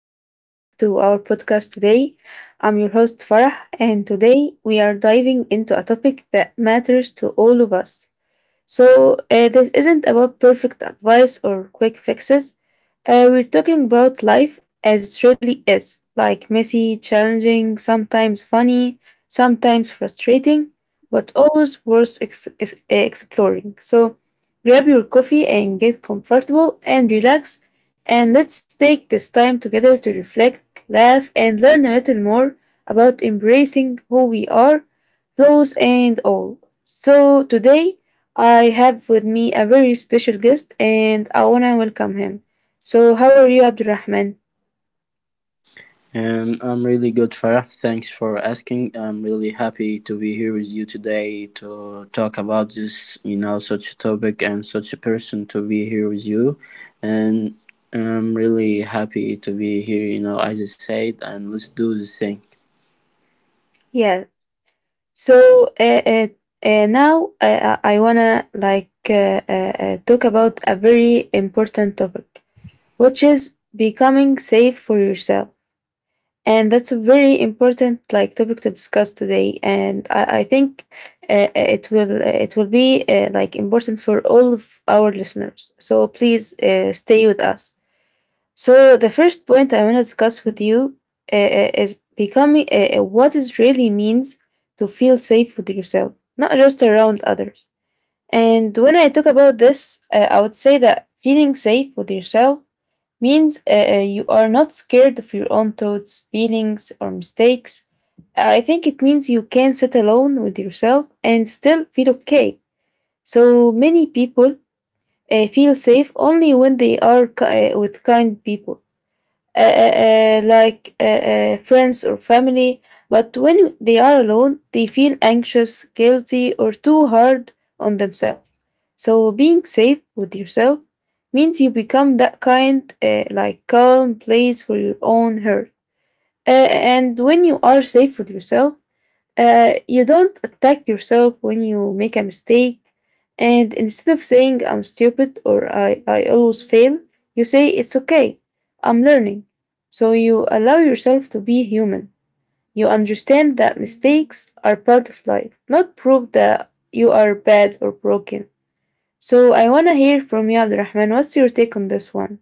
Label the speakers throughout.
Speaker 1: welcome back to our podcast today. I'm your host Farah, and today we are diving into a topic that matters to all of us. So, this isn't about perfect advice or quick fixes. We're talking about life as it really is, like messy, challenging, sometimes funny, sometimes frustrating, but always worth exploring. So grab your coffee and get comfortable and relax. And let's take this time together to reflect, laugh, and learn a little more about embracing who we are, clothes and all. So today I have with me a very special guest and I wanna welcome him. So how are you, Abdurrahman?
Speaker 2: I'm really good, Farah. Thanks for asking. I'm really happy to be here with you today to talk about this, you know, such a topic and such a person to be here with you. And I'm really happy to be here, you know, as I said, and let's do this thing.
Speaker 1: Yeah. So now, I wanna, like talk about a very important topic, which is becoming safe for yourself. And that's a very important like topic to discuss today, and I think it will, it will be like important for all of our listeners, so please stay with us. So the first point I want to discuss with you is becoming, what it really means to feel safe with yourself, not just around others. And when I talk about this, I would say that feeling safe with yourself means, you are not scared of your own thoughts, feelings, or mistakes. I think it means you can sit alone with yourself and still feel okay. So many people feel safe only when they are, with kind people, like friends or family, but when they are alone, they feel anxious, guilty, or too hard on themselves. So, being safe with yourself means you become that kind, like calm place for your own heart. And when you are safe with yourself, you don't attack yourself when you make a mistake, and instead of saying I'm stupid or I always fail, you say it's okay, I'm learning. So you allow yourself to be human. You understand that mistakes are part of life, not prove that you are bad or broken. So I want to hear from you, Abdurrahman. What's your take on this one?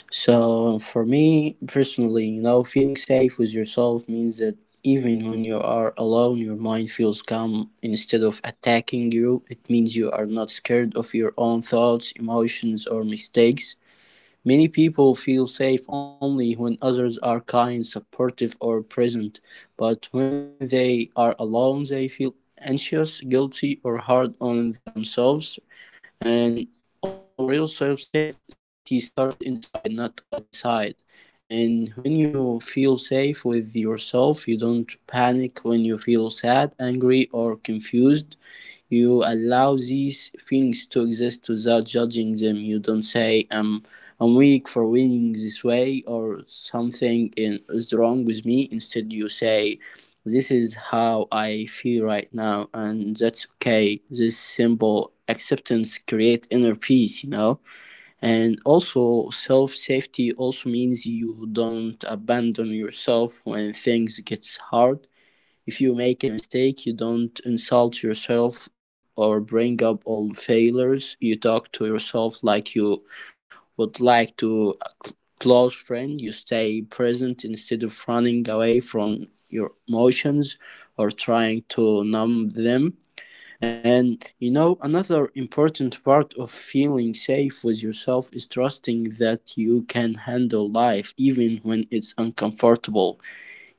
Speaker 2: So for me personally, you know, feeling safe with yourself means that even when you are alone, your mind feels calm instead of attacking you. It means you are not scared of your own thoughts, emotions, or mistakes. Many people feel safe only when others are kind, supportive, or present. But when they are alone, they feel anxious, guilty, or hard on themselves, and also real self safe safety starts inside, not outside. And when you feel safe with yourself, you don't panic when you feel sad, angry, or confused. You allow these feelings to exist without judging them. You don't say, "I'm weak for feeling this way," or "something is wrong with me." Instead you say, "This is how I feel right now, and that's okay." This simple acceptance creates inner peace, you know. And also self safety also means you don't abandon yourself when things gets hard. If you make a mistake, you don't insult yourself or bring up old failures. You talk to yourself like you would like to a close friend. You stay present instead of running away from your emotions or trying to numb them. And you know, another important part of feeling safe with yourself is trusting that you can handle life even when it's uncomfortable.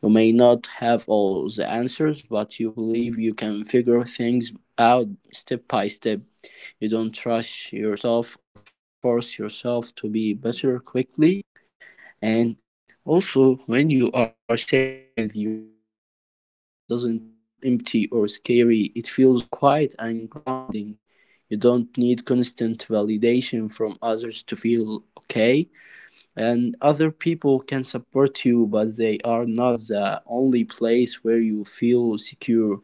Speaker 2: You may not have all the answers, but you believe you can figure things out step by step. You don't rush yourself or force yourself to be better quickly. And also, when you are safe with yourself, being alone doesn't feel empty or scary. It feels quiet and grounding. You don't need constant validation from others to feel okay, and other people can support you, but they are not the only place where you feel secure.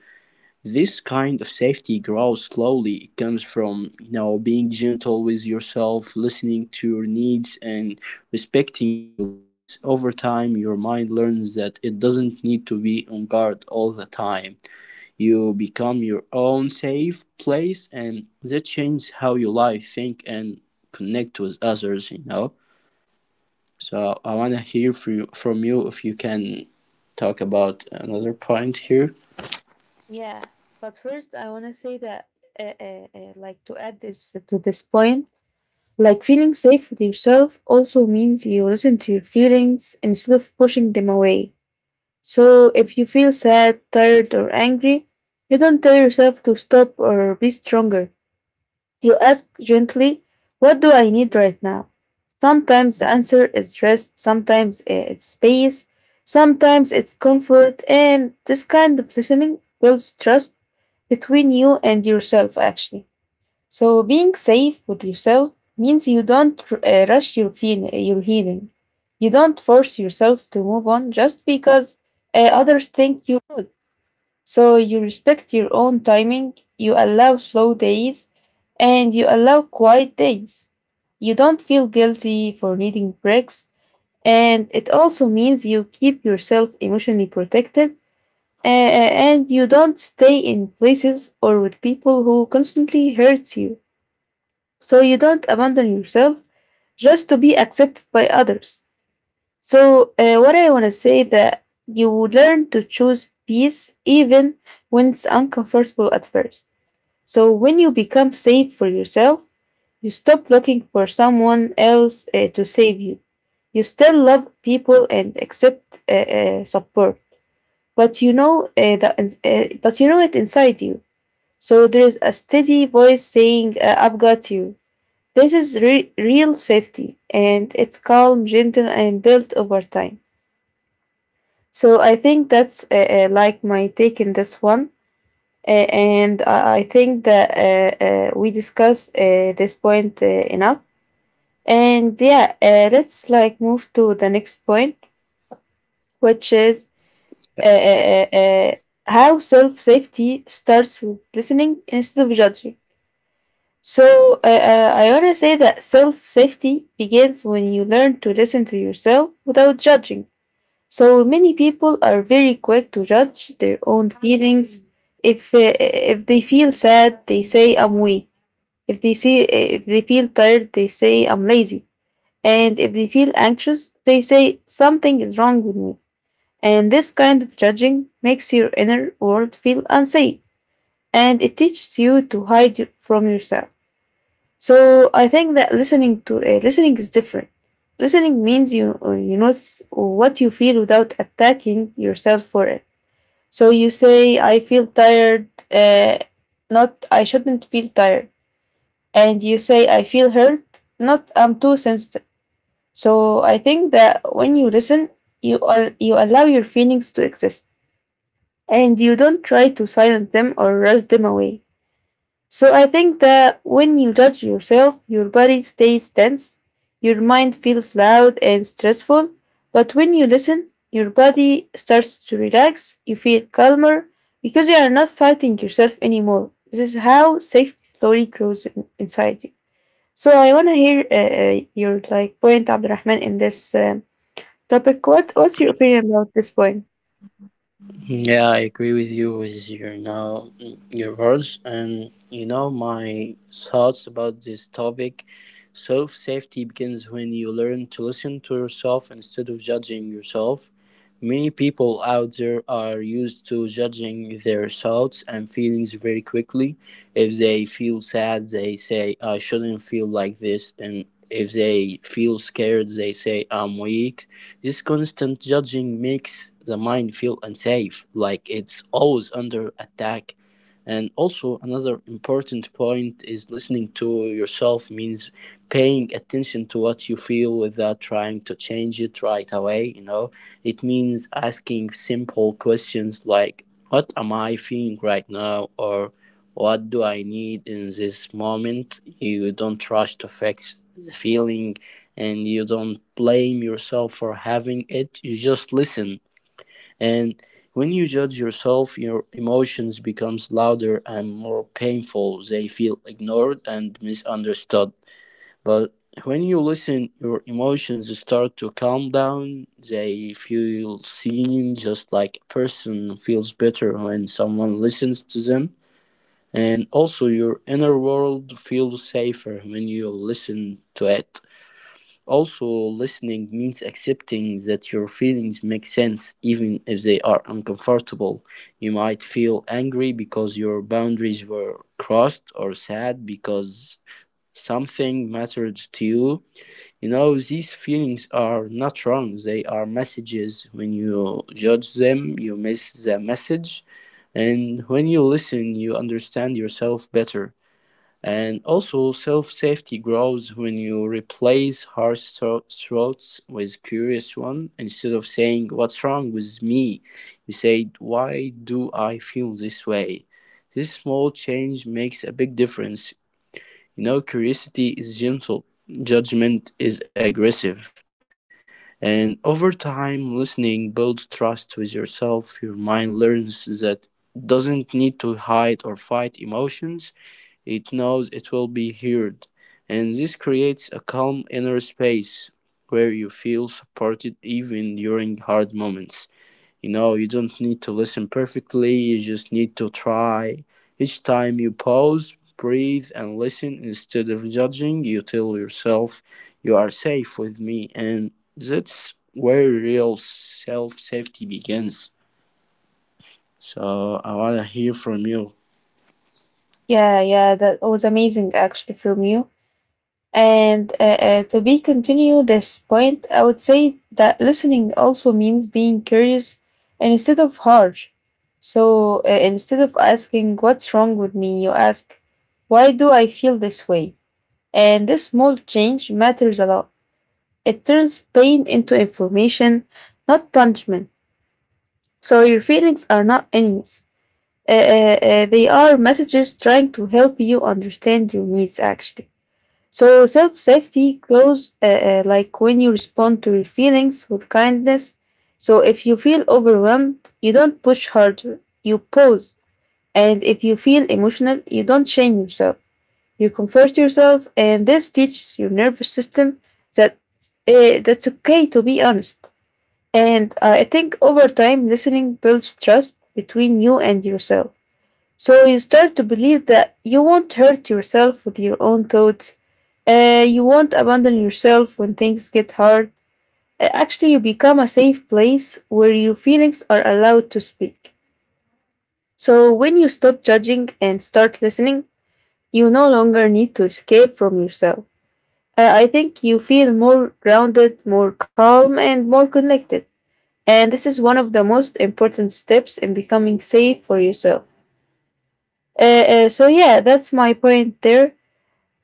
Speaker 2: This kind of safety grows slowly. It comes from, you know, being gentle with yourself, listening to your needs, and respecting your limits. Over time your mind learns that it doesn't need to be on guard all the time. You become your own safe place, and that changes how you live, think, and connect with others, you know. So I want to hear from you if you can talk about another point here.
Speaker 1: Yeah, but first I want to say that, like, to add this to this point, like feeling safe with yourself also means you listen to your feelings instead of pushing them away. So if you feel sad, tired, or angry, you don't tell yourself to stop or be stronger. You ask gently, what do I need right now? Sometimes the answer is rest, sometimes it's space, sometimes it's comfort, and this kind of listening builds trust between you and yourself, actually. So being safe with yourself means you don't rush your your healing. You don't force yourself to move on just because others think you should. So you respect your own timing. You allow slow days, and you allow quiet days. You don't feel guilty for needing breaks, and it also means you keep yourself emotionally protected. And you don't stay in places or with people who constantly hurts you, so you don't abandon yourself just to be accepted by others. So what I want to say that you learn to choose peace even when it's uncomfortable at first. So when you become safe for yourself, you stop looking for someone else to save you. You still love people and accept support, but you know that, but you know it inside you. So there is a steady voice saying, "I've got you." This is real safety, and it's calm, gentle, and built over time. So I think that's, like my take in this one. And I think that, we discussed this point enough. And yeah, let's like move to the next point, which is uh, uh, uh, uh, how self safety starts with listening instead of judging. So I want to say that self safety begins when you learn to listen to yourself without judging. So many people are very quick to judge their own feelings. If they feel sad, they say I'm weak. If they feel tired, they say I'm lazy. And if they feel anxious, they say something is wrong with me. And this kind of judging makes your inner world feel unsafe, and it teaches you to hide from yourself. So I think that listening is different. Listening means you notice what you feel without attacking yourself for it. So you say, "I feel tired," not "I shouldn't feel tired," and you say, "I feel hurt," not "I'm too sensitive." So I think that when you listen, you allow your feelings to exist, and you don't try to silence them or rush them away. So I think that when you judge yourself, your body stays tense, your mind feels loud and stressful. But when you listen, your body starts to relax, you feel calmer because you are not fighting yourself anymore. This is how safety slowly grows inside you. So I want to hear, your like point, Abdurrahman, in this topic. What's your opinion about this point?
Speaker 2: Yeah, I agree with you with your now your words, and you know my thoughts about this topic. Self safety begins when you learn to listen to yourself instead of judging yourself. Many people out there are used to judging their thoughts and feelings very quickly. If they feel sad, they say, "I shouldn't feel like this." And if they feel scared, they say, "I'm weak." This constant judging makes the mind feel unsafe, like it's always under attack. And also, another important point is listening to yourself means paying attention to what you feel without trying to change it right away, you know. It means asking simple questions like, "What am I feeling right now?" or "What do I need in this moment?" You don't rush to fix the feeling, and you don't blame yourself for having it. You just listen. And when you judge yourself, your emotions becomes louder and more painful. They feel ignored and misunderstood. But when you listen, your emotions start to calm down. They feel seen, just like a person feels better when someone listens to them. And also, your inner world feels safer when you listen to it. Also, listening means accepting that your feelings make sense, even if they are uncomfortable. You might feel angry because your boundaries were crossed, or sad because something mattered to you. You know, these feelings are not wrong. They are messages. When you judge them, you miss the message. And when you listen, you understand yourself better. And also, self safety grows when you replace thoughts with curious one. Instead of saying, "What's wrong with me?" you say, "Why do I feel this way?" This small change makes a big difference. You know, curiosity is gentle, judgment is aggressive. And over time, listening builds trust with yourself. Your mind learns that it doesn't need to hide or fight emotions, it knows it will be heard. And this creates a calm inner space where you feel supported even during hard moments. You know, you don't need to listen perfectly, you just need to try. Each time you pause, breathe, and listen instead of judging, you tell yourself, "You are safe with me." And that's where real self safety begins. So I want to hear from you.
Speaker 1: Yeah, yeah, that was amazing actually from you. And to be continue this point, I would say that listening also means being curious and instead of harsh. So instead of asking what's wrong with me, you ask why do I feel this way? And this small change matters a lot. It turns pain into information, not punishment. So your feelings are not enemies. Uh, uh, they are messages trying to help you understand your needs actually. So self safety grows, like when you respond to your feelings with kindness. So if you feel overwhelmed, you don't push harder, you pause. And if you feel emotional, you don't shame yourself. You comfort yourself, and this teaches your nervous system that, that's okay to be honest. And I think over time, listening builds trust between you and yourself. So you start to believe that you won't hurt yourself with your own thoughts. You won't abandon yourself when things get hard. Actually, you become a safe place where your feelings are allowed to speak. So when you stop judging and start listening, you no longer need to escape from yourself. I think you feel more grounded, more calm, and more connected. And this is one of the most important steps in becoming safe for yourself. Uh, so yeah, that's my point there.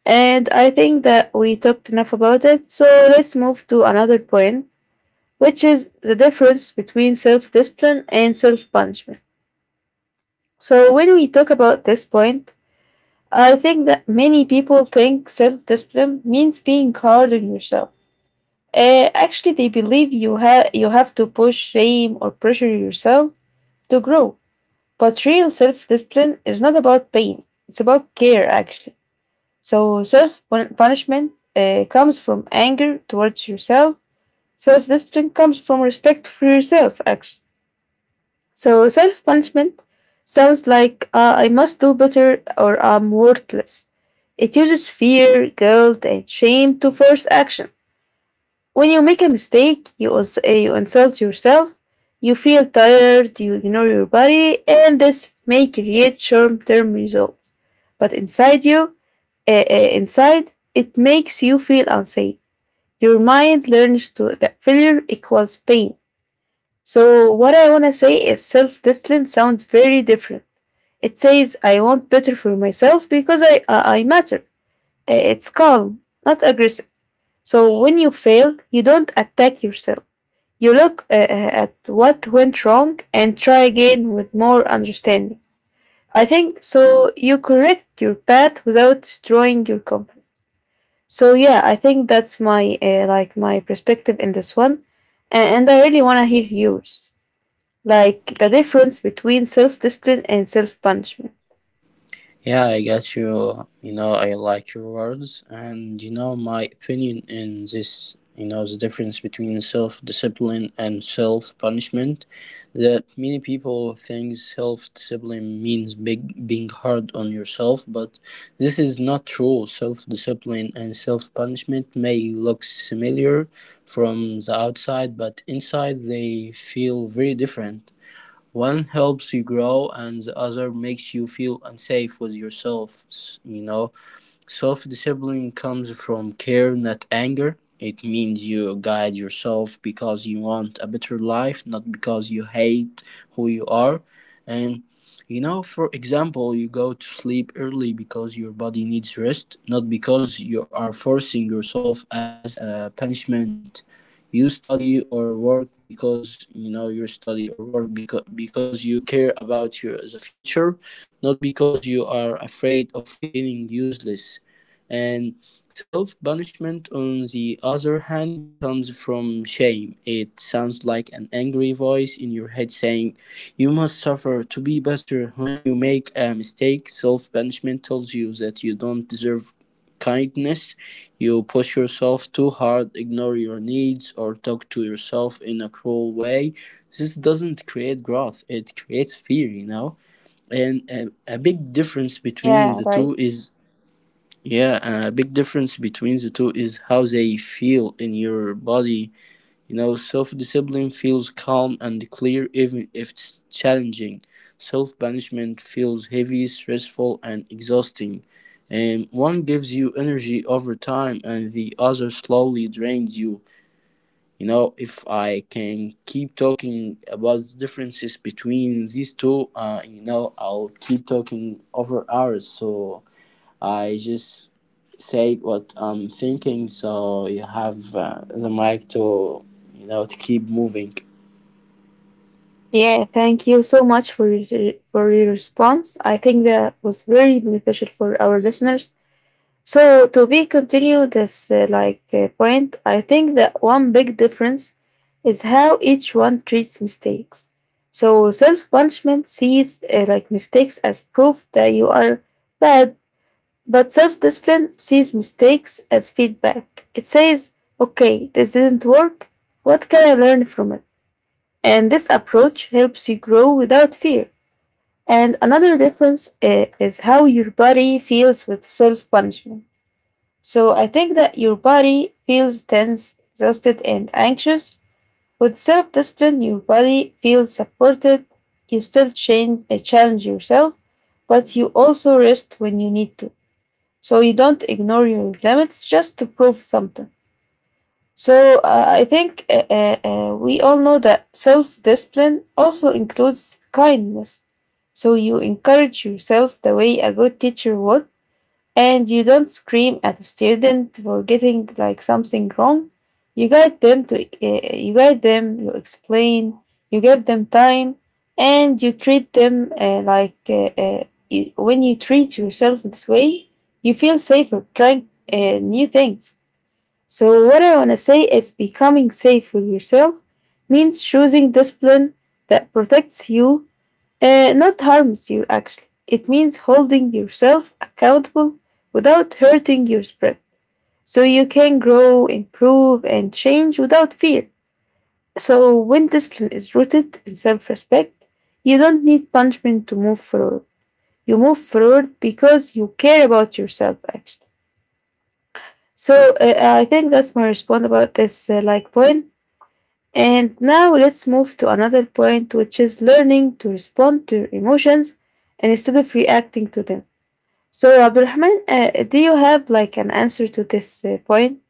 Speaker 1: And I think that we talked enough about it. So let's move to another point, which is the difference between self discipline and self punishment. So when we talk about this point, I think that many people think self discipline means being hard on yourself. Actually, they believe you have to push shame or pressure yourself to grow. But real self discipline is not about pain; it's about care. Actually, so self punishment comes from anger towards yourself. Self discipline comes from respect for yourself, actually. So self punishment sounds like, I must do better or I'm worthless. It uses fear, guilt, and shame to force action. When you make a mistake, you, also, you insult yourself, you feel tired, you ignore your body, and this may create short term results. But inside you, inside, it makes you feel unsafe. Your mind learns to that failure equals pain. So what I wanna say is self-discipline sounds very different. It says I want better for myself because I matter. It's calm, not aggressive. So when you fail, you don't attack yourself. You look at what went wrong and try again with more understanding. I think so. You correct your path without destroying your company. So yeah, I think that's my, like my perspective in this one, and I really want to hear yours, like the difference between self discipline and self punishment.
Speaker 2: Yeah, I got you. You know, I like your words, and you know my opinion in this. You know the difference between self-discipline and self-punishment. That many people think self-discipline means being hard on yourself, but this is not true. Self-discipline and self-punishment may look similar from the outside, but inside they feel very different. One helps you grow and the other makes you feel unsafe with yourself, you know. Self-discipline comes from care, not anger. It means you guide yourself because you want a better life, not because you hate who you are. And you know, for example, you go to sleep early because your body needs rest, not because you are forcing yourself as a punishment. You study or work because you care about your the future, not because you are afraid of feeling useless. And self punishment on the other hand comes from shame. It sounds like an angry voice in your head saying, "You must suffer to be better." When you make a mistake, self punishment tells you that you don't deserve kindness. You push yourself too hard, ignore your needs, or talk to yourself in a cruel way. This doesn't create growth, it creates fear, you know? And a big difference between
Speaker 1: Yeah,
Speaker 2: the
Speaker 1: right.
Speaker 2: two is yeah, A big difference between the two is how they feel in your body, you know. Self-discipline feels calm and clear even if it's challenging. Self-banishment feels heavy, stressful, and exhausting. And one gives you energy over time and the other slowly drains you. You know, if I can keep talking about the differences between these two, you know, I'll keep talking over hours. So I just say what I'm thinking, so you have the mic to, you know, to keep moving.
Speaker 1: Yeah, thank you so much for for your response. I think that was very beneficial for our listeners, so to be continue this, like point, I think that one big difference is how each one treats mistakes. So self punishment sees, like mistakes as proof that you are bad, but self discipline sees mistakes as feedback. It says, "Okay, this didn't work. What can I learn from it?" And this approach helps you grow without fear. And another difference is how your body feels with self punishment. So I think that your body feels tense, exhausted, and anxious. With self discipline, your body feels supported. You still change, challenge yourself, but you also rest when you need to. So you don't ignore your limits just to prove something. So I think we all know that self discipline also includes kindness. So you encourage yourself the way a good teacher would. And you don't scream at a student for getting like something wrong. You guide them, you explain, you give them time, and you treat them like when you treat yourself this way, you feel safer trying new things. So what I want to say is becoming safe with yourself means choosing discipline that protects you, not harms you, actually. It means holding yourself accountable without hurting your spread. So you can grow, improve, and change without fear. So when discipline is rooted in self respect, you don't need punishment to move forward. You move forward because you care about yourself, actually. So I think that's my response about this like point. And now let's move to another point, which is learning to respond to your emotions and instead of reacting to them. So, Abdulrahman, do you have like an answer to this point?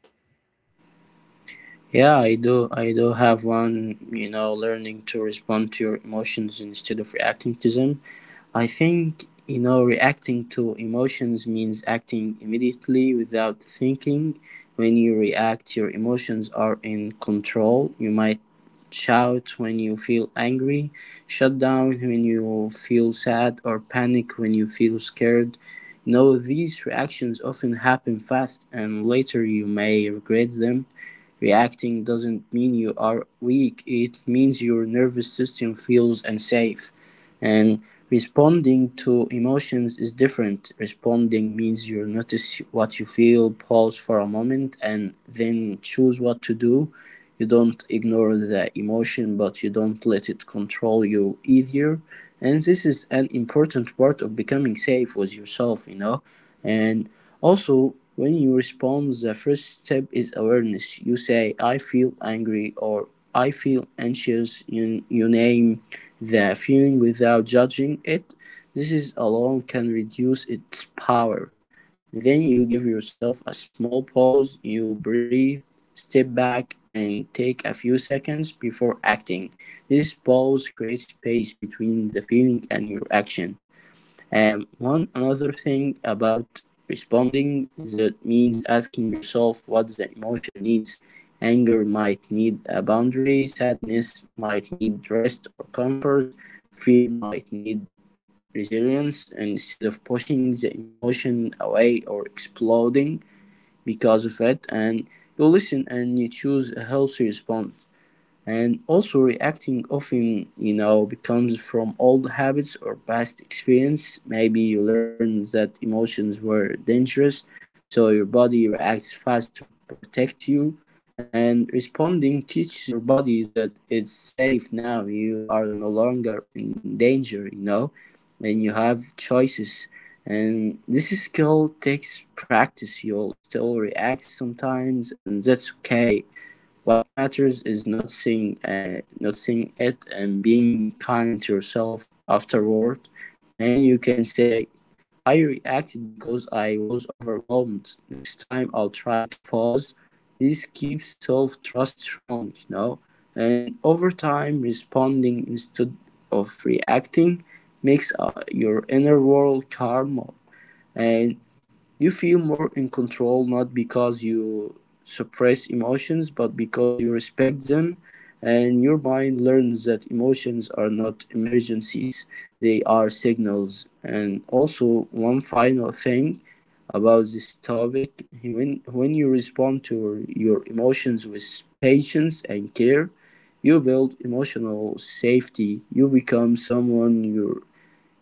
Speaker 2: Yeah, I do. I do have one, you know, learning to respond to your emotions instead of reacting to them. I think, you know, reacting to emotions means acting immediately without thinking. When you react, your emotions are in control. You might shout when you feel angry, shut down when you feel sad, or panic when you feel scared. You know, these reactions often happen fast, and later you may regret them. Reacting doesn't mean you are weak, it means your nervous system feels unsafe. And responding to emotions is different. Responding means you notice what you feel, pause for a moment, and then choose what to do. You don't ignore the emotion, but you don't let it control you either. And this is an important part of becoming safe with yourself, you know. And also, when you respond the first step is awareness. You say, "I feel angry" or "I feel anxious." You name the feeling without judging it. This is alone can reduce its power. Then you give yourself a small pause, you breathe, step back, and take a few seconds before acting. This pause creates space between the feeling and your action. And one another thing about responding that means asking yourself what the emotion needs. Anger might need a boundary, sadness might need rest or comfort, fear might need resilience instead of pushing the emotion away or exploding because of it. And you listen and you choose a healthy response. And also reacting often, you know, becomes from old habits or past experience. Maybe you learn that emotions were dangerous, so your body reacts fast to protect you. And responding teaches your body that it's safe now, you are no longer in danger, you know, and you have choices. And this skill takes practice. You'll still react sometimes and that's okay. What matters is not seeing, not seeing it and being kind to yourself afterward, and you can say, "I reacted because I was overwhelmed. Next time I'll try to pause." This keeps self trust strong, you know. And over time, responding instead of reacting makes your inner world calmer. And you feel more in control, not because you suppress emotions but because you respect them, and your mind learns that emotions are not emergencies, they are signals. And also, one final thing about this topic: when you respond to your emotions with patience and care, you build emotional safety. You become someone your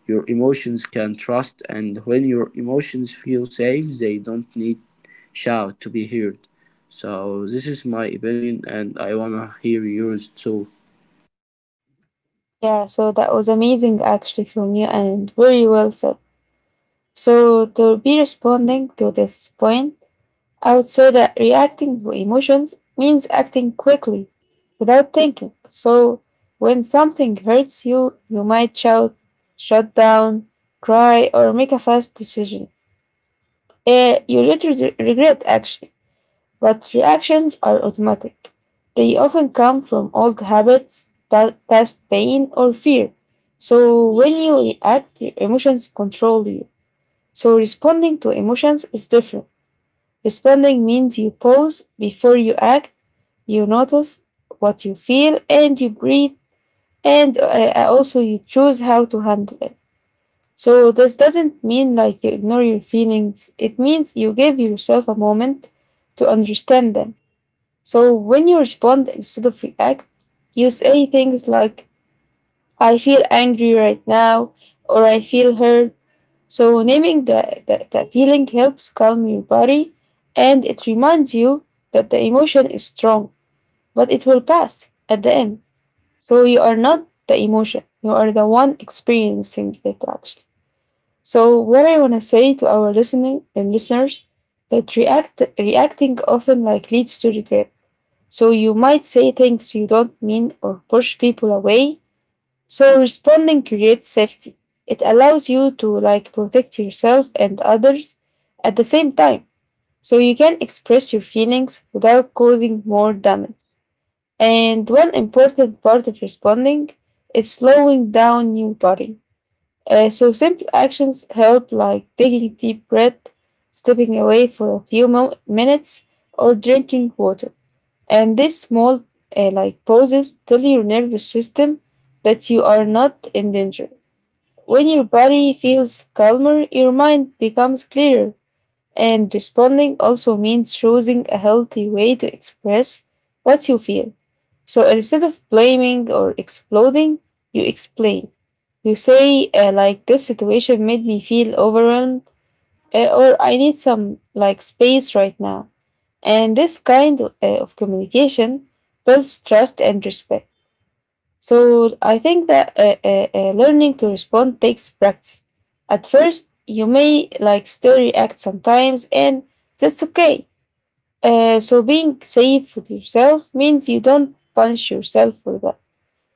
Speaker 2: emotions can trust, and when your emotions feel safe, they don't need shout to be heard. So this is my opinion, and I want to hear yours too.
Speaker 1: Yeah, so that was amazing actually from you and very well said. So, to be responding to this point, I would say that reacting to emotions means acting quickly without thinking. So, when something hurts you, you might shout, shut down, cry, or make a fast decision. You later regret actually. But reactions are automatic. They often come from old habits, past pain, or fear. So when you react, your emotions control you. So responding to emotions is different. Responding means you pause before you act, you notice what you feel, and you breathe, and also you choose how to handle it. So this doesn't mean like you ignore your feelings. It means you give yourself a moment to understand them. So when you respond instead of react, you say things like, I feel angry right now, or I feel hurt. So naming the feeling helps calm your body and it reminds you that the emotion is strong, but it will pass at the end. So you are not the emotion, you are the one experiencing it actually. So what I wanna say to our listening and listeners that reacting often like leads to regret, so you might say things you don't mean or push people away. So responding creates safety. It allows you to like protect yourself and others at the same time. So you can express your feelings without causing more damage. And one important part of responding is slowing down your body. So simple actions help like taking a deep breath, stepping away for a few minutes, or drinking water. And these small, like pauses, tell your nervous system that you are not in danger. When your body feels calmer, your mind becomes clearer. And responding also means choosing a healthy way to express what you feel. So instead of blaming or exploding, you explain. You say, like, this situation made me feel overwhelmed, or I need some, like, space right now. And this kind of communication builds trust and respect. So I think that learning to respond takes practice. At first, you may like still react sometimes, and that's okay. So being safe with yourself means you don't punish yourself for that.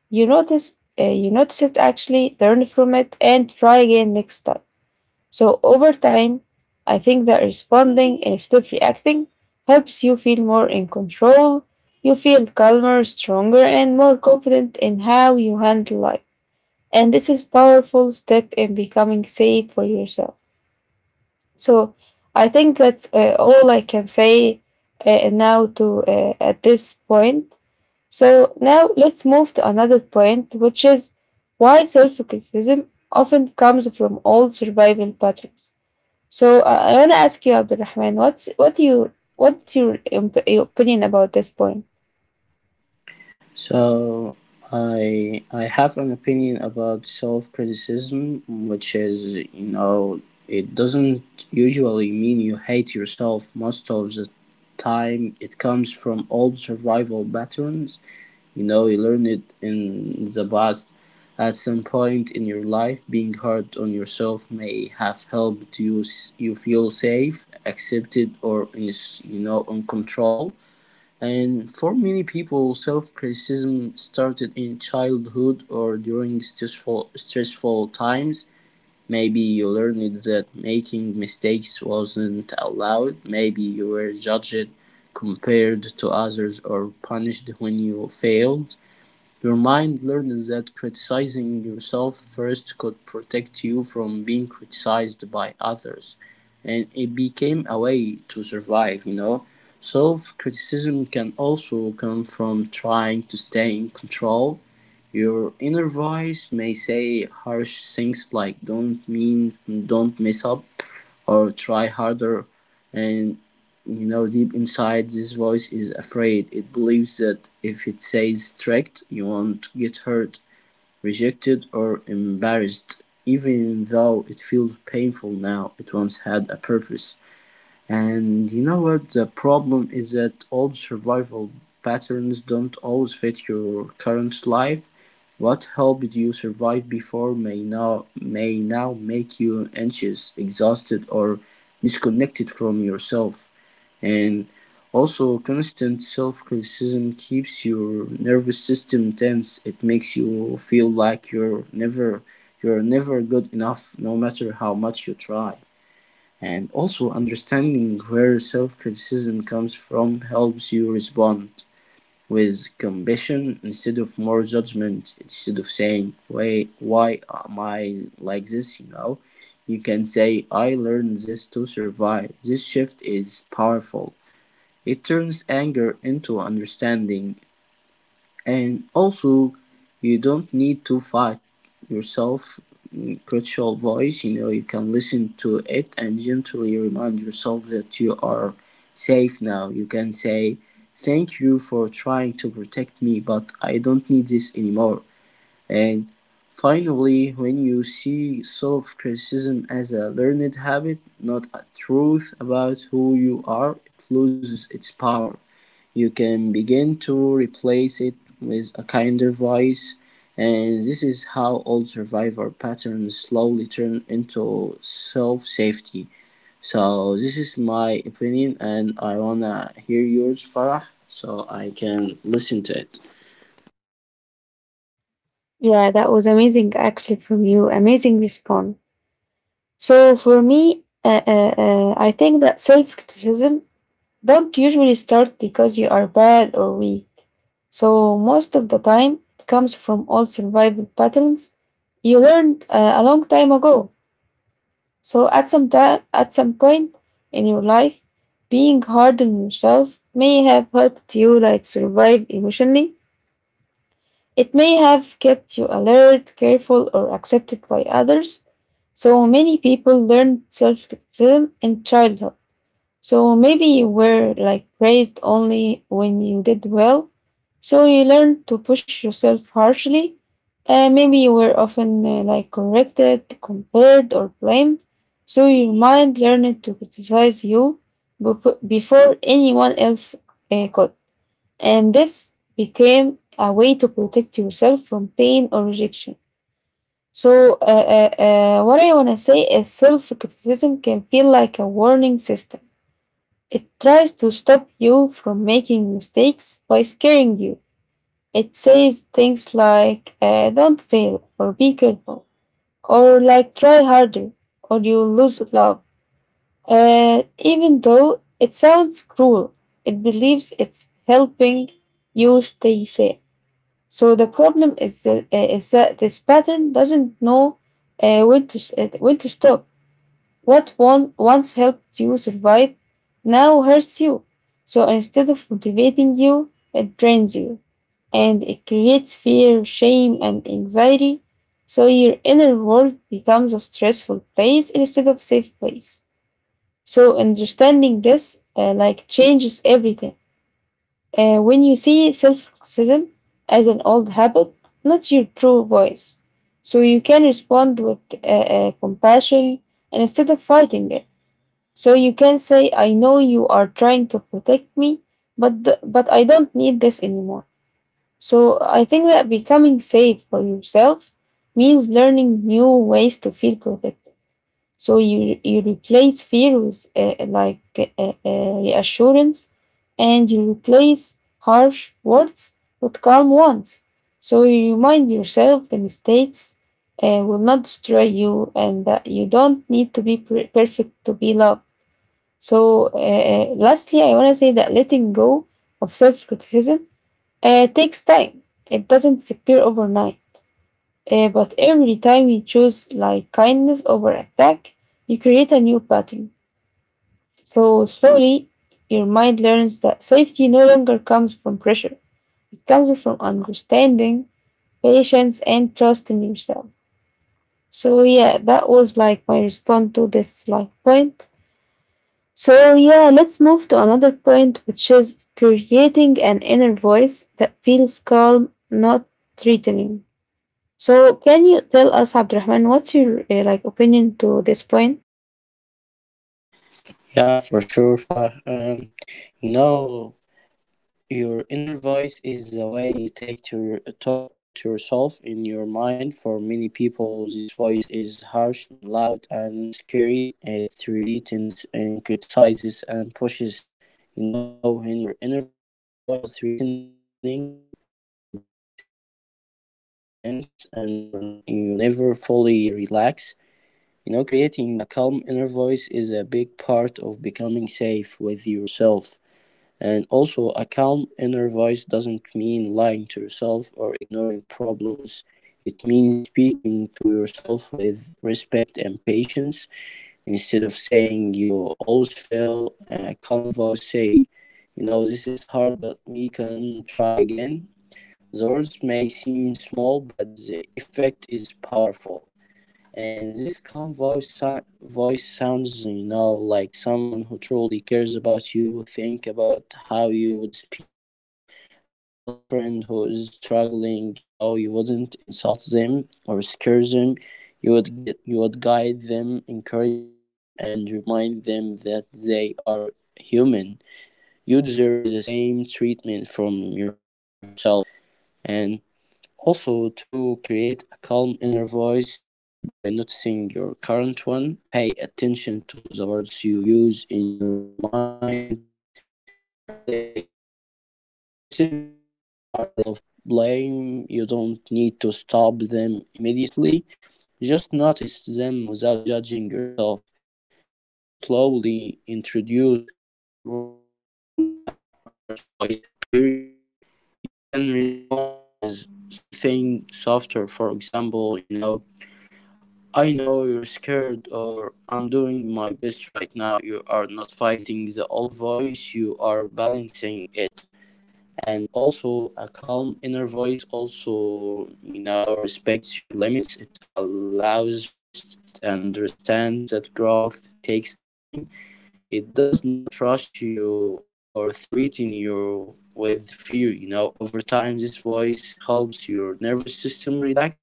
Speaker 1: You notice it actually, learn from it, and try again next time. So over time, I think that responding instead of reacting helps you feel more in control. You feel calmer, stronger, and more confident in how you handle life. And this is powerful step in becoming safe for yourself. So I think that's all I can say now to at this point. So now let's move to another point, which is why self criticism often comes from old survival patterns. So I want to ask you, Abdulrahman, what's your opinion about this point?
Speaker 2: So I have an opinion about self criticism, which is, you know it doesn't usually mean you hate yourself. Most of the time it comes from old survival patterns. You know, you learn it in the past. At some point in your life, being hard on yourself may have helped you feel safe, accepted, or is, in control. And for many people, self-criticism started in childhood or during stressful times. Maybe you learned that making mistakes wasn't allowed. Maybe you were judged, compared to others, or punished when you failed. Your mind learned that criticizing yourself first could protect you from being criticized by others, and it became a way to survive, you know. Self criticism can also come from trying to stay in control. Your inner voice may say harsh things like don't mess up" or "try harder," and, you know, deep inside this voice is afraid. It believes that if it says strict, you won't get hurt, rejected, or embarrassed. Even though it feels painful now, it once had a purpose. And you know what? The problem is that old survival patterns don't always fit your current life. What helped you survive before may now make you anxious, exhausted, or disconnected from yourself. And also, constant self-criticism keeps your nervous system tense. It makes you feel like you're never good enough, no matter how much you try. And also, understanding where self-criticism comes from helps you respond with compassion instead of more judgment. Instead of saying, why am I like this, you know, you can say, I learned this to survive. This shift is powerful. It turns anger into understanding. And also, you don't need to fight yourself, critical voice. You know, you can listen to it and gently remind yourself that you are safe now. You can say, thank you for trying to protect me, but I don't need this anymore. And finally, when you see self-criticism as a learned habit, not a truth about who you are, it loses its power. You can begin to replace it with a kinder voice, and this is how old survivor patterns slowly turn into self-safety. So this is my opinion, and I wanna hear yours, Farah, so I can listen to it.
Speaker 1: Yeah, that was amazing, actually, from you. Amazing response. So for me, I think that self criticism don't usually start because you are bad or weak. So most of the time, it comes from old survival patterns you learned a long time ago. So at some point in your life, being hard on yourself may have helped you like survive emotionally. It may have kept you alert, careful, or accepted by others. So many people learn self-criticism in childhood. So maybe you were like praised only when you did well. So you learned to push yourself harshly. Maybe you were often like corrected, compared, or blamed. So your mind learned to criticize you before anyone else could. And this became a way to protect yourself from pain or rejection. So, what I want to say is self criticism can feel like a warning system. It tries to stop you from making mistakes by scaring you. It says things like don't fail or be careful or like try harder or you'll lose love. Even though it sounds cruel, it believes it's helping you stay safe. So the problem is that this pattern doesn't know when to stop. What one once helped you survive now hurts you. So instead of motivating you, it drains you and it creates fear, shame, and anxiety. So your inner world becomes a stressful place instead of safe place. So understanding this like changes everything. When you see self-criticism as an old habit, not your true voice, so you can respond with compassion and instead of fighting it. So you can say, I know you are trying to protect me, but I don't need this anymore. So I think that becoming safe for yourself means learning new ways to feel protected. So you replace fear with like reassurance, and you replace harsh words with calm ones. So you remind yourself the mistakes will not destroy you, and that you don't need to be perfect to be loved. So, lastly, I want to say that letting go of self criticism takes time. It doesn't disappear overnight. But every time you choose like kindness over attack, you create a new pattern. So, slowly, your mind learns that safety no longer comes from pressure, it comes from understanding, patience, and trust in yourself. So, yeah, that was like my response to this like point. So, yeah, let's move to another point, which is creating an inner voice that feels calm, not threatening. So, can you tell us, Abdurrahman, what's your like opinion to this point?
Speaker 2: Yeah, for sure, Farah. You know, your inner voice is the way you take to your, talk to yourself in your mind. For many people, this voice is harsh, loud, and scary. It threatens and criticizes and pushes. You know, when your inner voice feels threatening, your body stays tense, and you're, you never fully relax. You know, creating a calm inner voice is a big part of becoming safe with yourself. And also, a calm inner voice doesn't mean lying to yourself or ignoring problems. It means speaking to yourself with respect and patience, instead of saying you always fail. A calm voice say, you know, this is hard, but we can try again. The words may seem small, but the effect is powerful. And this calm voice sounds, you know, like someone who truly cares about you. Think about how you would speak to a close friend who is struggling. You know, you wouldn't insult them or scare them. You would guide them, encourage them, and remind them that they are human. You deserve the same treatment from yourself. And also, to create a calm inner voice, start by noticing your current one. Pay attention to the words you use in your mind. Are they aggressive? Are they full of blame? You don't need to stop them immediately. Just notice them without judging yourself. And then slowly introduce kinder words when the harsh voice appears. You can respond with something softer, for example, you know, I know you're scared, or I'm doing my best right now. You are not fighting the old voice, you are balancing it. And also, a calm inner voice also, you know, respects your limits. It allows rest. It understands that growth takes time. It does not rush you or threaten you with fear, you know. Over time, this voice helps your nervous system relax.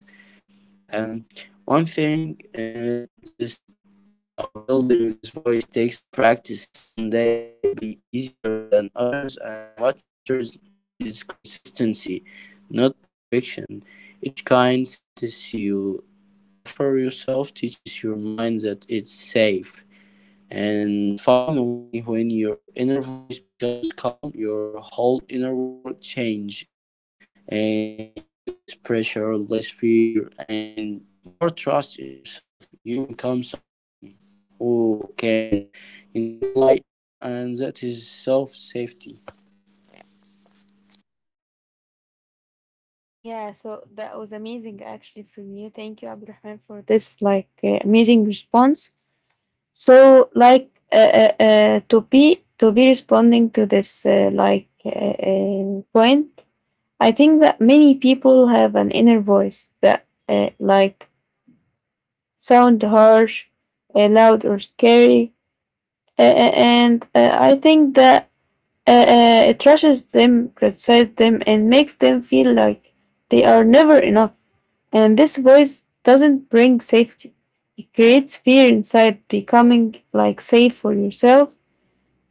Speaker 2: And one thing, this, you know, building this voice takes practice. Some days will be easier than others, and what matters is consistency, not perfection. Each kind sentence you offer yourself teaches your mind that it's safe. And finally, when your inner voice becomes calm, your whole inner world changes, and you feel less pressure, less fear, and more trust in yourself. You become someone who can, you know, rely on, and that is self safety.
Speaker 1: Yeah, so that was amazing actually from you. Thank you, Abdurrahman, for this like amazing response. So, like to be responding to this point, I think that many people have an inner voice that like sound harsh, loud, or scary. And I think that it rushes them, criticizes them, and makes them feel like they are never enough. And this voice doesn't bring safety. It creates fear inside becoming like safe for yourself.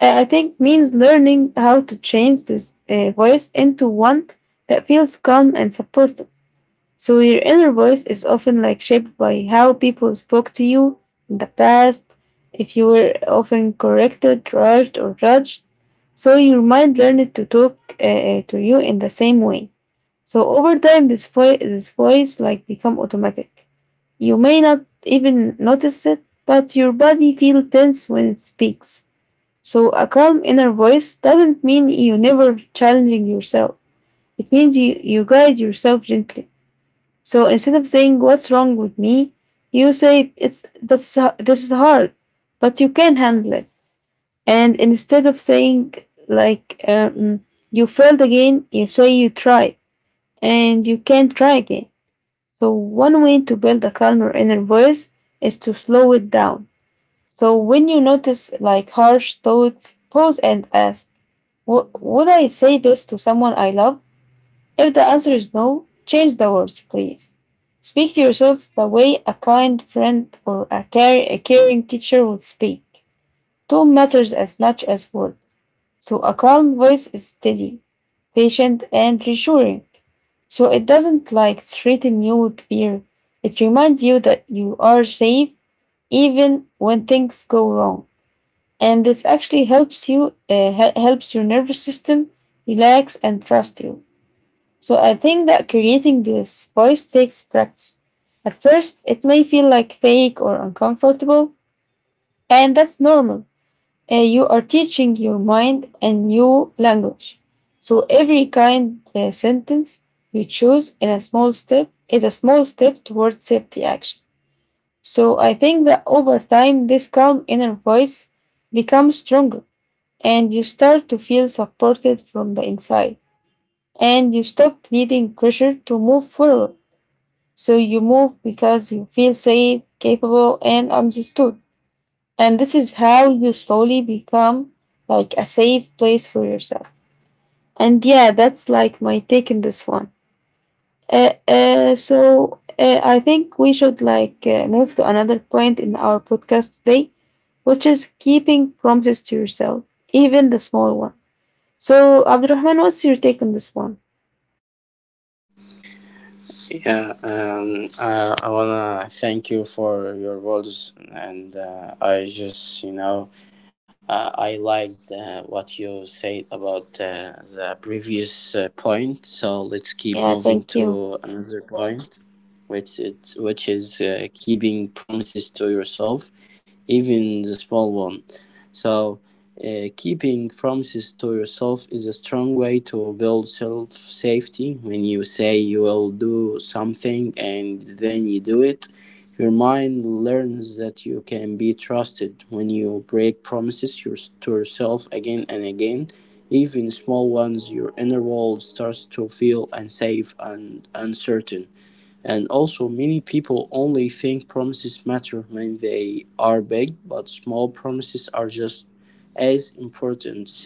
Speaker 1: I think means learning how to change this voice into one that feels calm and supportive. So your inner voice is often like shaped by how people spoke to you in the past, if you were often corrected, rushed, or judged. So your mind learned to talk to you in the same way. So over time, this voice like become automatic. You may not even notice it, but your body feels tense when it speaks. So a calm inner voice doesn't mean you never challenging yourself. It means you guide yourself gently. So instead of saying what's wrong with me, you say it's this this is hard, but you can handle it. And instead of saying like you failed again, you say you tried and you can try again. So one way to build a calmer inner voice is to slow it down. So when you notice like harsh thoughts, pause and ask, " would I say this to someone I love?" If the answer is no, change the words, please. Speak to yourself the way a kind friend or a caring teacher would speak. Tone matters as much as words. So a calm voice is steady, patient, and reassuring. So it doesn't like threaten you with fear. It reminds you that you are safe even when things go wrong. And this actually helps helps your nervous system relax and trust you. So I think that creating this voice takes practice. At first, it may feel like fake or uncomfortable, and that's normal. You are teaching your mind a new language. So every kind sentence you choose in a small step is a small step towards safety action. So I think that over time, this calm inner voice becomes stronger and you start to feel supported from the inside and you stop needing pressure to move forward. So you move because you feel safe, capable, and understood. And this is how you slowly become like a safe place for yourself. And yeah, that's like my take in this one. So I think we should like move to another point in our podcast today, which is keeping promises to yourself, even the small ones. So Abdurrahman, what's your take on this one?
Speaker 2: Yeah, I wanna thank you for your words, and I just, you know, I liked what you said about the previous point, so let's keep
Speaker 1: Yeah,
Speaker 2: moving
Speaker 1: thank
Speaker 2: to
Speaker 1: you.
Speaker 2: another point, which is keeping promises to yourself, even the small one. So, keeping promises to yourself is a strong way to build self safety. When you say you will do something and then you do it, your mind learns that you can be trusted. When you break to yourself again and again, even small ones, your inner world starts to feel unsafe and uncertain. And also, many people only think promises matter when they are big, but small promises are just as important.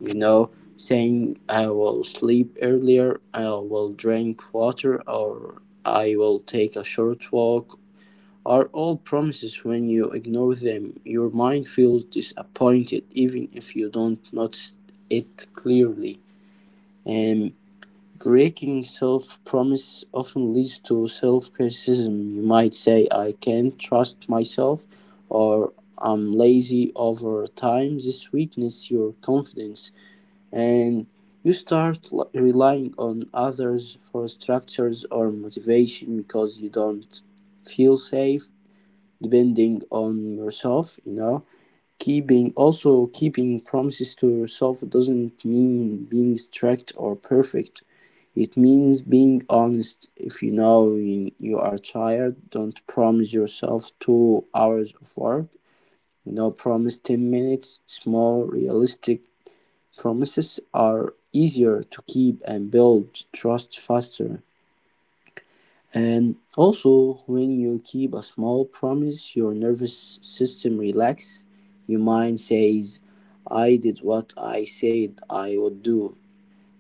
Speaker 2: You know, saying I will sleep earlier, I will drink water, or I will take a short walk are all promises. When you ignore them, your mind feels disappointed, even if you don't notice it clearly. And breaking self-promise often leads to self-criticism. You might say, "I can't trust myself," or "I'm lazy." Over time, this weakens your confidence, and you start relying on others for structures or motivation because you don't feel safe depending on yourself, you know? Keeping promises to yourself doesn't mean being strict or perfect. It means being honest. If you know you are tired, don't promise yourself 2 hours of work. You know, promise 10 minutes. Small, realistic promises are easier to keep and build trust faster. And also, when you keep a small promise, your nervous system relax. Your mind says, I did what I said I would do.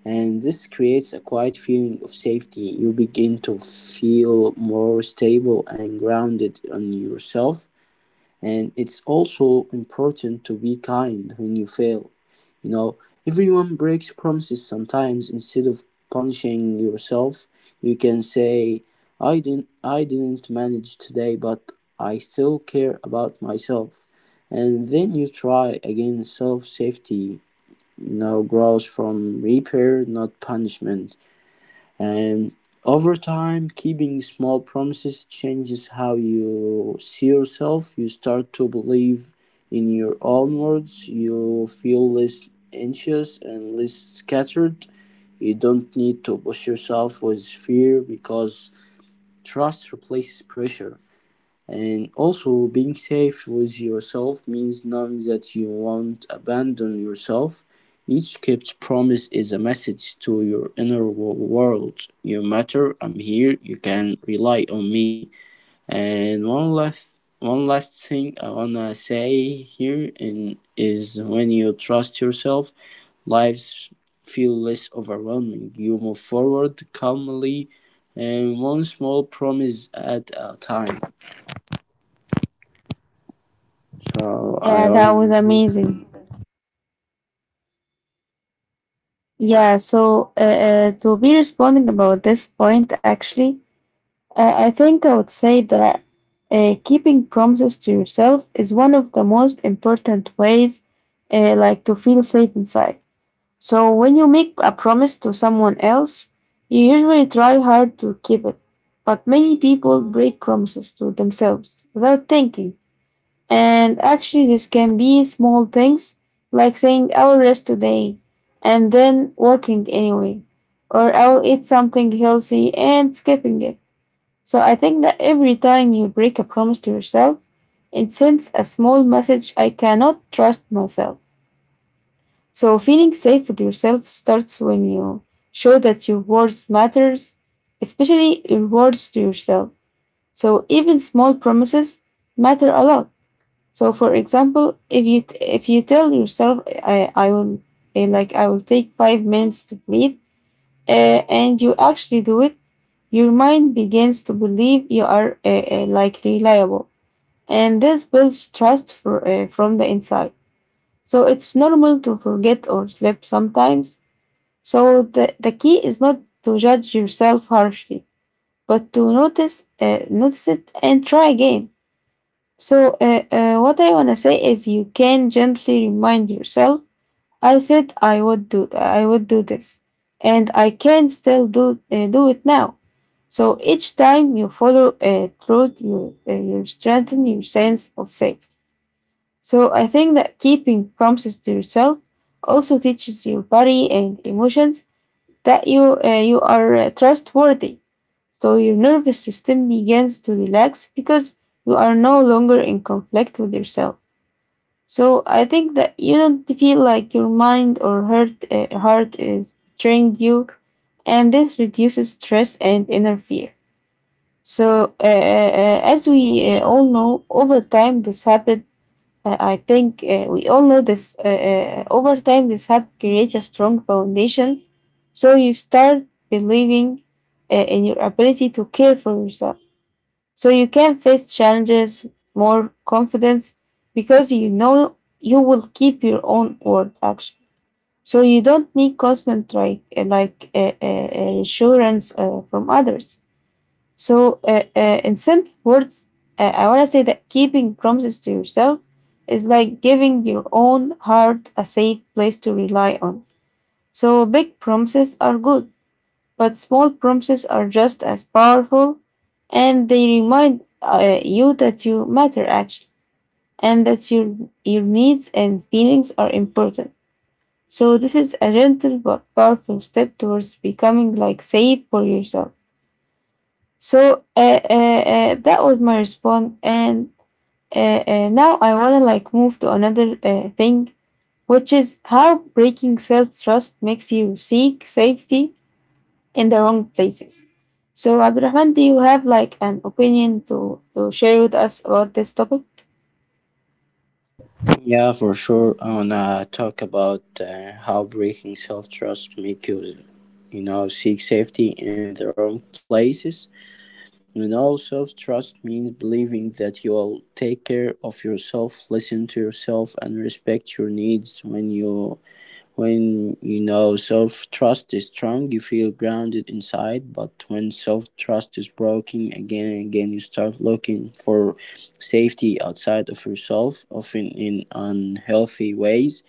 Speaker 2: And this creates a quiet feeling of safety. You begin to feel more stable and grounded on yourself. And it's also important to be kind when you fail. You know, everyone breaks promises sometimes. Instead of punishing yourself, you can say, I didn't manage today, but I still care about myself. And then you try again. Self safety, you know, grows from repair, not punishment. And over time, keeping small promises changes how you see yourself. You start to believe in your own words. You feel less anxious and less scattered. You don't need to push yourself with fear because trust replaces pressure. And also, being safe with yourself means knowing that you won't abandon yourself. Each kept promise is a message to your inner world. You matter. I'm here. You can rely on me. And one last thing I wanna say here and is, when you trust yourself, lives feel less overwhelming. You move forward calmly, and one small promise at a time. So I
Speaker 1: Yeah, that was
Speaker 2: wanna.
Speaker 1: amazing. Yeah, to be responding about this point, actually, I think I would say that keeping promises to yourself is one of the most important ways, like to feel safe inside. So when you make a promise to someone else, you usually try hard to keep it, but many people break promises to themselves without thinking. And actually, this can be small things like saying, I'll rest today and then working anyway, or I'll eat something healthy and skipping it. So I think that every time you break a promise to yourself, it sends a small message I cannot trust myself. So feeling safe with yourself starts when you show that your words matters, especially your words to yourself. So even small promises matter a lot. So, for example, if you tell yourself, I will I will take 5 minutes to breathe, and you actually do it, your mind begins to believe you are like reliable, and this builds trust for, from the inside. So it's normal to forget or slip sometimes. So the key is not to judge yourself harshly, but to notice it and try again. So, what I want to say is you can gently remind yourself, I said I would do this and I can still do it now. So each time you follow through, you strengthen your sense of safety. So I think that keeping promises to yourself also teaches your body and emotions that you are trustworthy. So your nervous system begins to relax because you are no longer in conflict with yourself. So I think that you don't feel like your mind or heart is betraying you, and this reduces stress and inner fear. So as we all know, over time this habit I think we all know this. Over time, this habit creates a strong foundation. So you start believing in your ability to care for yourself. So you can face challenges more confidence because you know you will keep your own word action. So you don't need constant like assurance from others. So, in simple words, I want to say that keeping promises to yourself is like giving your own heart a safe place to rely on. So, big promises are good, but small promises are just as powerful and they remind you that you matter actually and that your needs and feelings are important. So, this is a gentle but powerful step towards becoming like safe for yourself. So that was my response, and now I want to like move to another thing, which is how breaking self trust makes you seek safety in the wrong places. So Abdurrahman, do you have like an opinion to share with us about this topic?
Speaker 2: Yeah, for sure, I wanna talk about how breaking self trust make you, you know, seek safety in the wrong places. You know, self trust means believing that you will take care of yourself, listen to yourself, and respect your needs when you know self trust is strong, you feel grounded inside. But when self trust is broken again and again, you start looking for safety outside of yourself, often in unhealthy ways.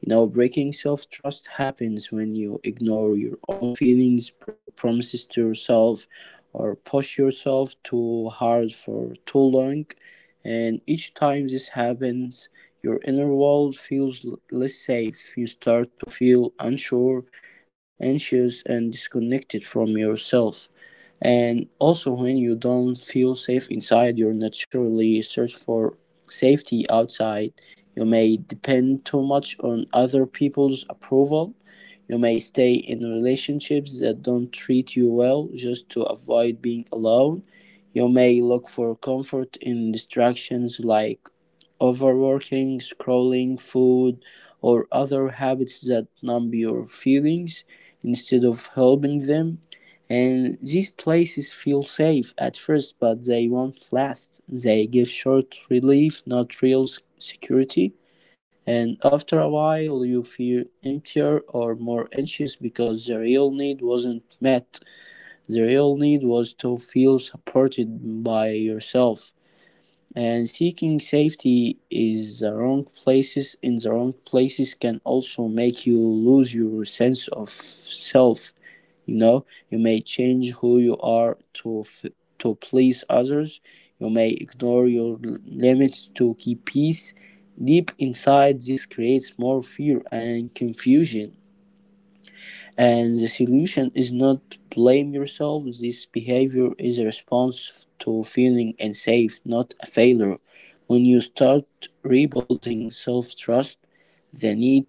Speaker 2: You know, breaking self trust happens when you ignore your own feelings, break promises to yourself, or push yourself too hard for too long. And each time this happens, your inner world feels less safe. You start to feel unsure, anxious, and disconnected from yourself. And also, when you don't feel safe inside, you naturally search for safety outside. You may depend too much on other people's approval. You may stay in relationships that don't treat you well just to avoid being alone. You may look for comfort in distractions like overworking, scrolling, food, or other habits that numb your feelings instead of helping them. And these places feel safe at first, but they won't last. They give short relief, not real security. And after a while, you feel emptier or more anxious because the real need wasn't met. The real need was to feel supported by yourself. And seeking safety is the wrong places in the wrong places can also make you lose your sense of self. You know, you may change who you are to please others. You may ignore your limits to keep peace. Deep inside, this creates more fear and confusion. And the solution is not blame yourself. This behavior is a response to feeling unsafe, not a failure. When you start rebuilding self trust, the need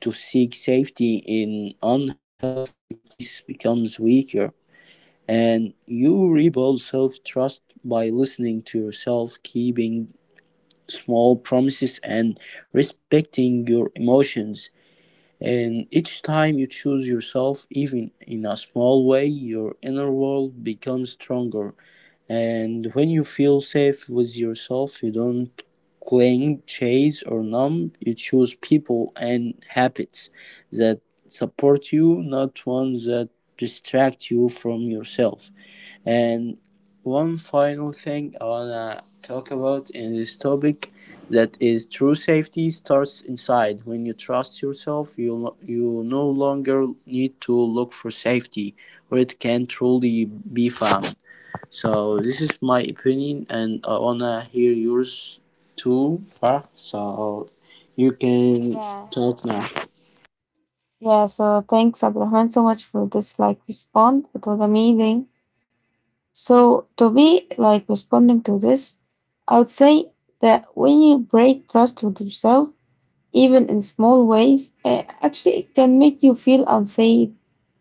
Speaker 2: to seek safety in unhealthy place becomes weaker, and you rebuild self trust by listening to yourself, keeping small promises, and respecting your emotions. And each time you choose yourself, even in a small way, your inner world becomes stronger. And when you feel safe with yourself, you don't cling, chase, or numb. You choose people and habits that support you, not ones that distract you from yourself. And one final thing I wanna talk about in this topic that is true safety starts inside. When you trust yourself, you no longer need to look for safety where it can truly be found. So this is my opinion and I wanna hear yours too far. So you can
Speaker 1: Yeah,
Speaker 2: talk now.
Speaker 1: yeah. So thanks, Abdurrahman, so much for this like response. It was amazing. So to be like responding to this, I would say that when you break trust with yourself even in small ways, actually it can make you feel unsafe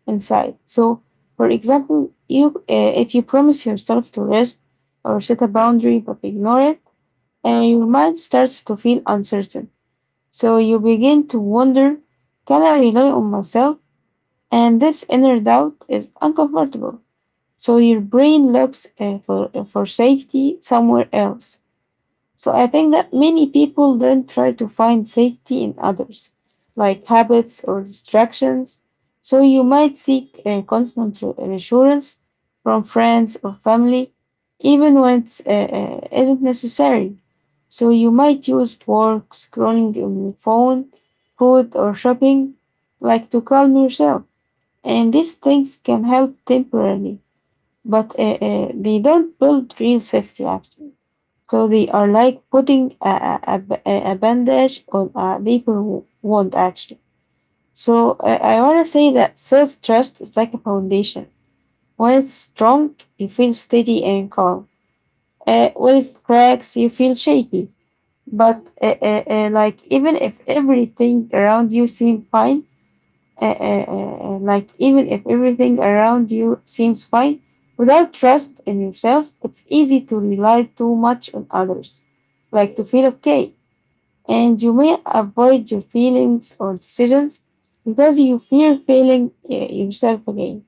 Speaker 1: inside. So, for example, you if you promise yourself to rest or set a boundary but ignore it, your mind starts to feel uncertain. So you begin to wonder, can I rely on myself? And this inner doubt is uncomfortable. So your brain looks for safety somewhere else. So I think that many people then try to find safety in others, like habits or distractions. So you might seek a constant reassurance from friends or family, even when it's isn't necessary. So you might use work, scrolling on your phone, food or shopping, like to calm yourself. And these things can help temporarily, but they don't build real safety actually. So they are like putting a bandage on a deeper wound, actually. So I want to say that self trust is like a foundation. When it's strong, you feel steady and calm. When it cracks, you feel shaky. But like even if everything around you seems fine, like even if everything around you seems fine, without trust in yourself, it's easy to rely too much on others like to feel okay and you may avoid your feelings or decisions because you fear failing yourself again.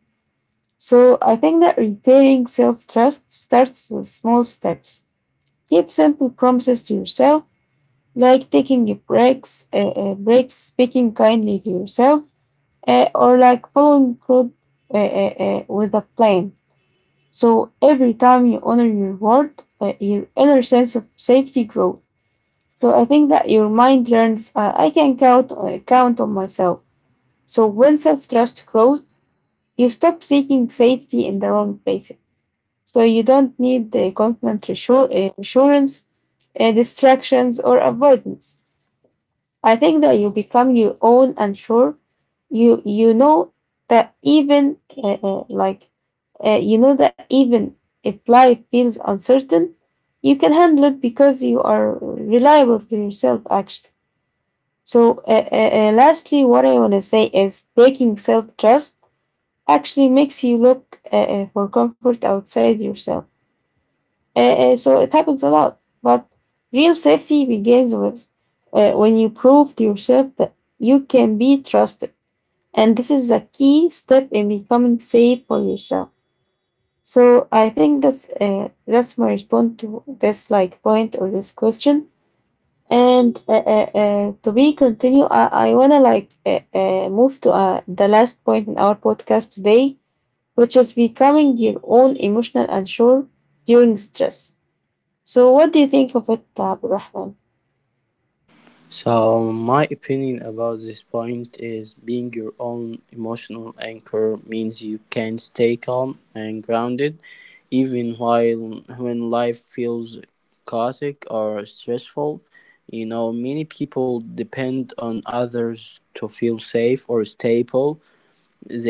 Speaker 1: So I think that repairing self trust starts with small steps. Keep simple promises to yourself, like taking breaks, speaking kindly to yourself, or like following through with a plan. So every time you honor your word, your inner sense of safety grows. So I think that your mind learns I can count on myself. So when self trust grows, you stop seeking safety in the wrong places. So you don't need the constant assurance, distractions, or avoidance. I think that you become your own and sure. You know that even like you know that even if life feels uncertain, you can handle it because you are reliable to yourself. Actually. So, lastly, what I want to say is breaking self trust actually makes you look for comfort outside yourself. So, it happens a lot. But real safety begins with when you prove to yourself that you can be trusted. And this is a key step in becoming safe for yourself. So I think that's my response to this like point or this question. And to be continue, I wanna like move to the last point in our podcast today, which is becoming your own emotional unsure during stress. So, what do you think of it, Abdurrahman?
Speaker 2: So my opinion about this point is being your own emotional anchor means you can stay calm and grounded even while when life feels chaotic or stressful. You know, many people depend on others to feel safe or stable.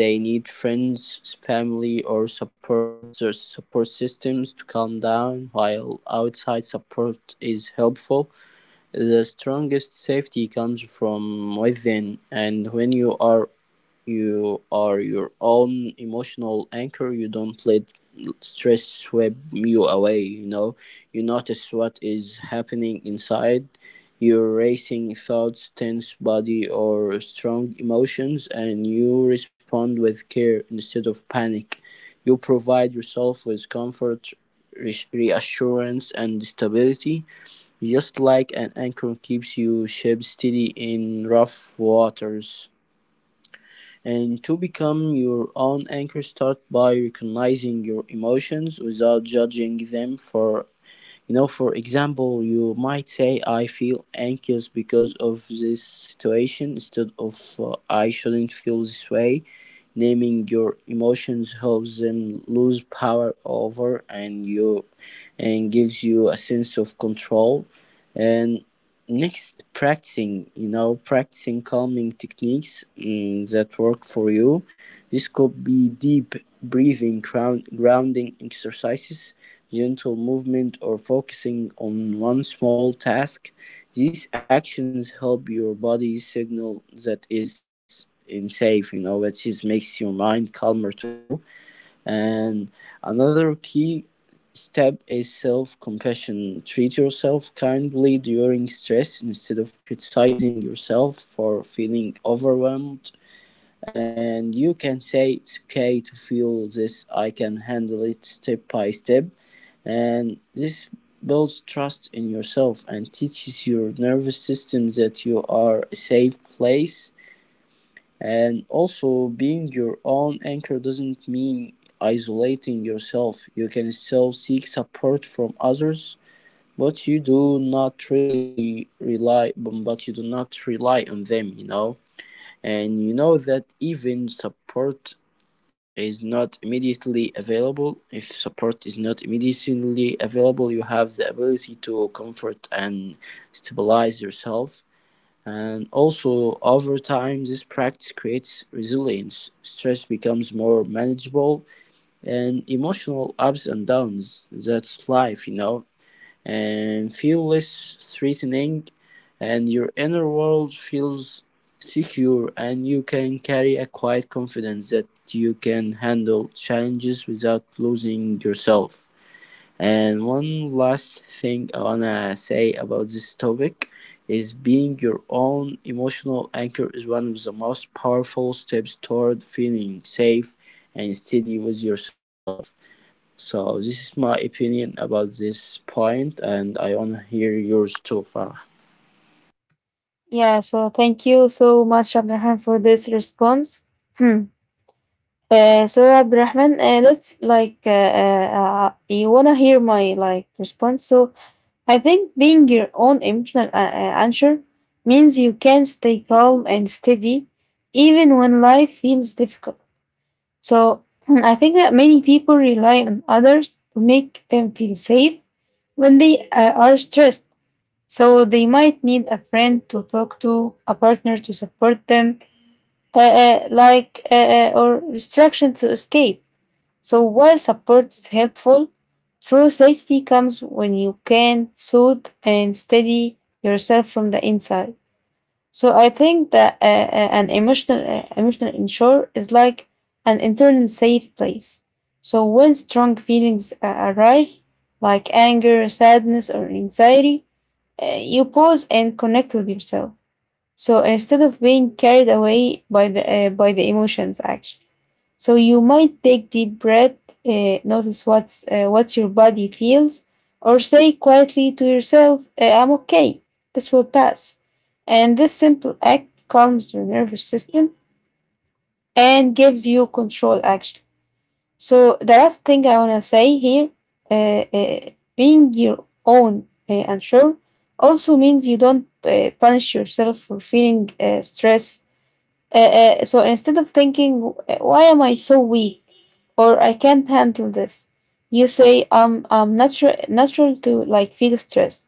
Speaker 2: They need friends, family, or support systems to calm down, while outside support is helpful, the strongest safety comes from within, and when you are your own emotional anchor, you don't let stress sweep you away, you know. You notice what is happening inside, your racing thoughts, tense body or strong emotions, and you respond with care instead of panic. You provide yourself with comfort, reassurance and stability, just like an anchor keeps your ship steady in rough waters. And to become your own anchor, start by recognizing your emotions without judging them. For you know for example, you might say, I feel anxious because of this situation, instead of I shouldn't feel this way. Naming your emotions helps them lose power over and you, and gives you a sense of control. And next, practicing, you know, practicing calming techniques that work for you. This could be deep breathing, grounding exercises, gentle movement or focusing on one small task. These actions help your body signal that is in safe, you know, it just makes your mind calmer too. And another key step is self compassion. Treat yourself kindly during stress instead of criticizing yourself for feeling overwhelmed, and you can say, it's okay to feel this, I can handle it step by step. And this builds trust in yourself and teaches your nervous system that you are a safe place. And also being your own anchor doesn't mean isolating yourself. You can still seek support from others, but you do not really rely but you do not rely on them, you know. And you know that even support is not immediately available if support is not immediately available, you have the ability to comfort and stabilize yourself. And also over time this practice creates resilience. Stress becomes more manageable, and emotional ups and downs, that's life, you know, and feel less threatening. And your inner world feels secure, and you can carry a quiet confidence that you can handle challenges without losing yourself. And one last thing I wanna say about this topic is being your own emotional anchor is one of the most powerful steps toward feeling safe and steady with yourself. So this is my opinion about this point, and I wanna hear yours too, Farah.
Speaker 1: Yeah. So, thank you so much, Abdurrahman, for this response. Hmm. So, Abdurrahman, let's you wanna hear my like response. So, I think being your own emotional anchor means you can stay calm and steady even when life feels difficult. So I think that many people rely on others to make them feel safe when they are stressed. So they might need a friend to talk to, a partner to support them, or distraction to escape. So while support is helpful, true safety comes when you can soothe and steady yourself from the inside. So I think that an emotional inshore is like an internal safe place. So when strong feelings arise, like anger, sadness, or anxiety, you pause and connect with yourself. So instead of being carried away by the emotions, actually, so you might take deep breath, notice what your body feels, or say quietly to yourself, "I'm okay. This will pass." And this simple act calms your nervous system and gives you control. Actually, so the last thing I wanna say here, uh, uh, being your own unsure also means you don't punish yourself for feeling stress so instead of thinking, why am I so weak or I can't handle this, you say, "I'm natural to like feel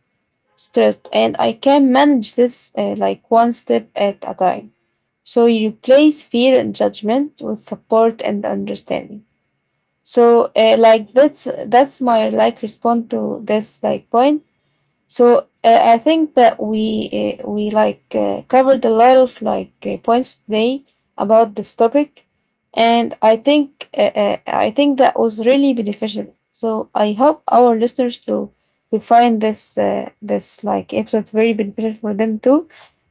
Speaker 1: stressed, and I can manage this like one step at a time. So you replace fear and judgment with support and understanding. So that's my like response to this like point so I think that we like covered a lot of like points today about this topic, and I think that was really beneficial. So I hope our listeners to find this like episode very beneficial for them too,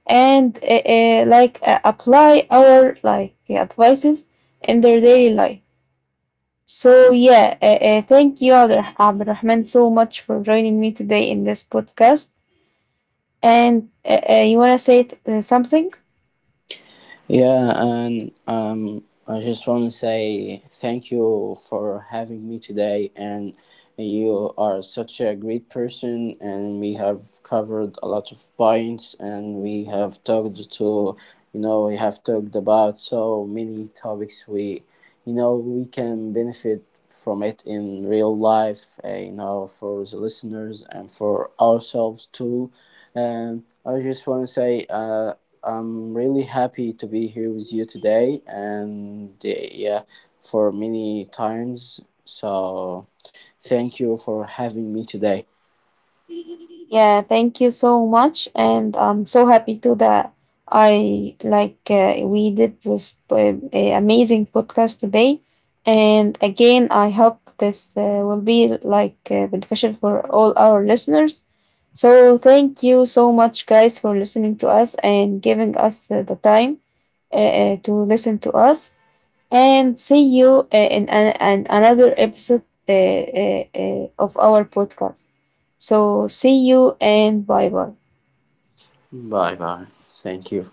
Speaker 1: and apply our like advices in their daily life. So yeah, thank you, Abdurrahman, so much for joining me today in this podcast. And you want to say something?
Speaker 2: Yeah, and I just want to say thank you for having me today. And you are such a great person, and we have covered a lot of points, and we have talked to, you know, we have talked about so many topics. We, you know, we can benefit from it in real life. For the listeners and for ourselves too. And I just want to say. I'm really happy to be here with you today, and yeah, for many times. So, thank you for having me today.
Speaker 1: Yeah, thank you so much. And I'm so happy too that I like we did this amazing podcast today. And again, I hope this will be like beneficial for all our listeners. So thank you so much, guys, for listening to us and giving us the time to listen to us. And see you in, an another episode of our podcast. So, see you and bye bye.
Speaker 2: Bye bye. Thank you.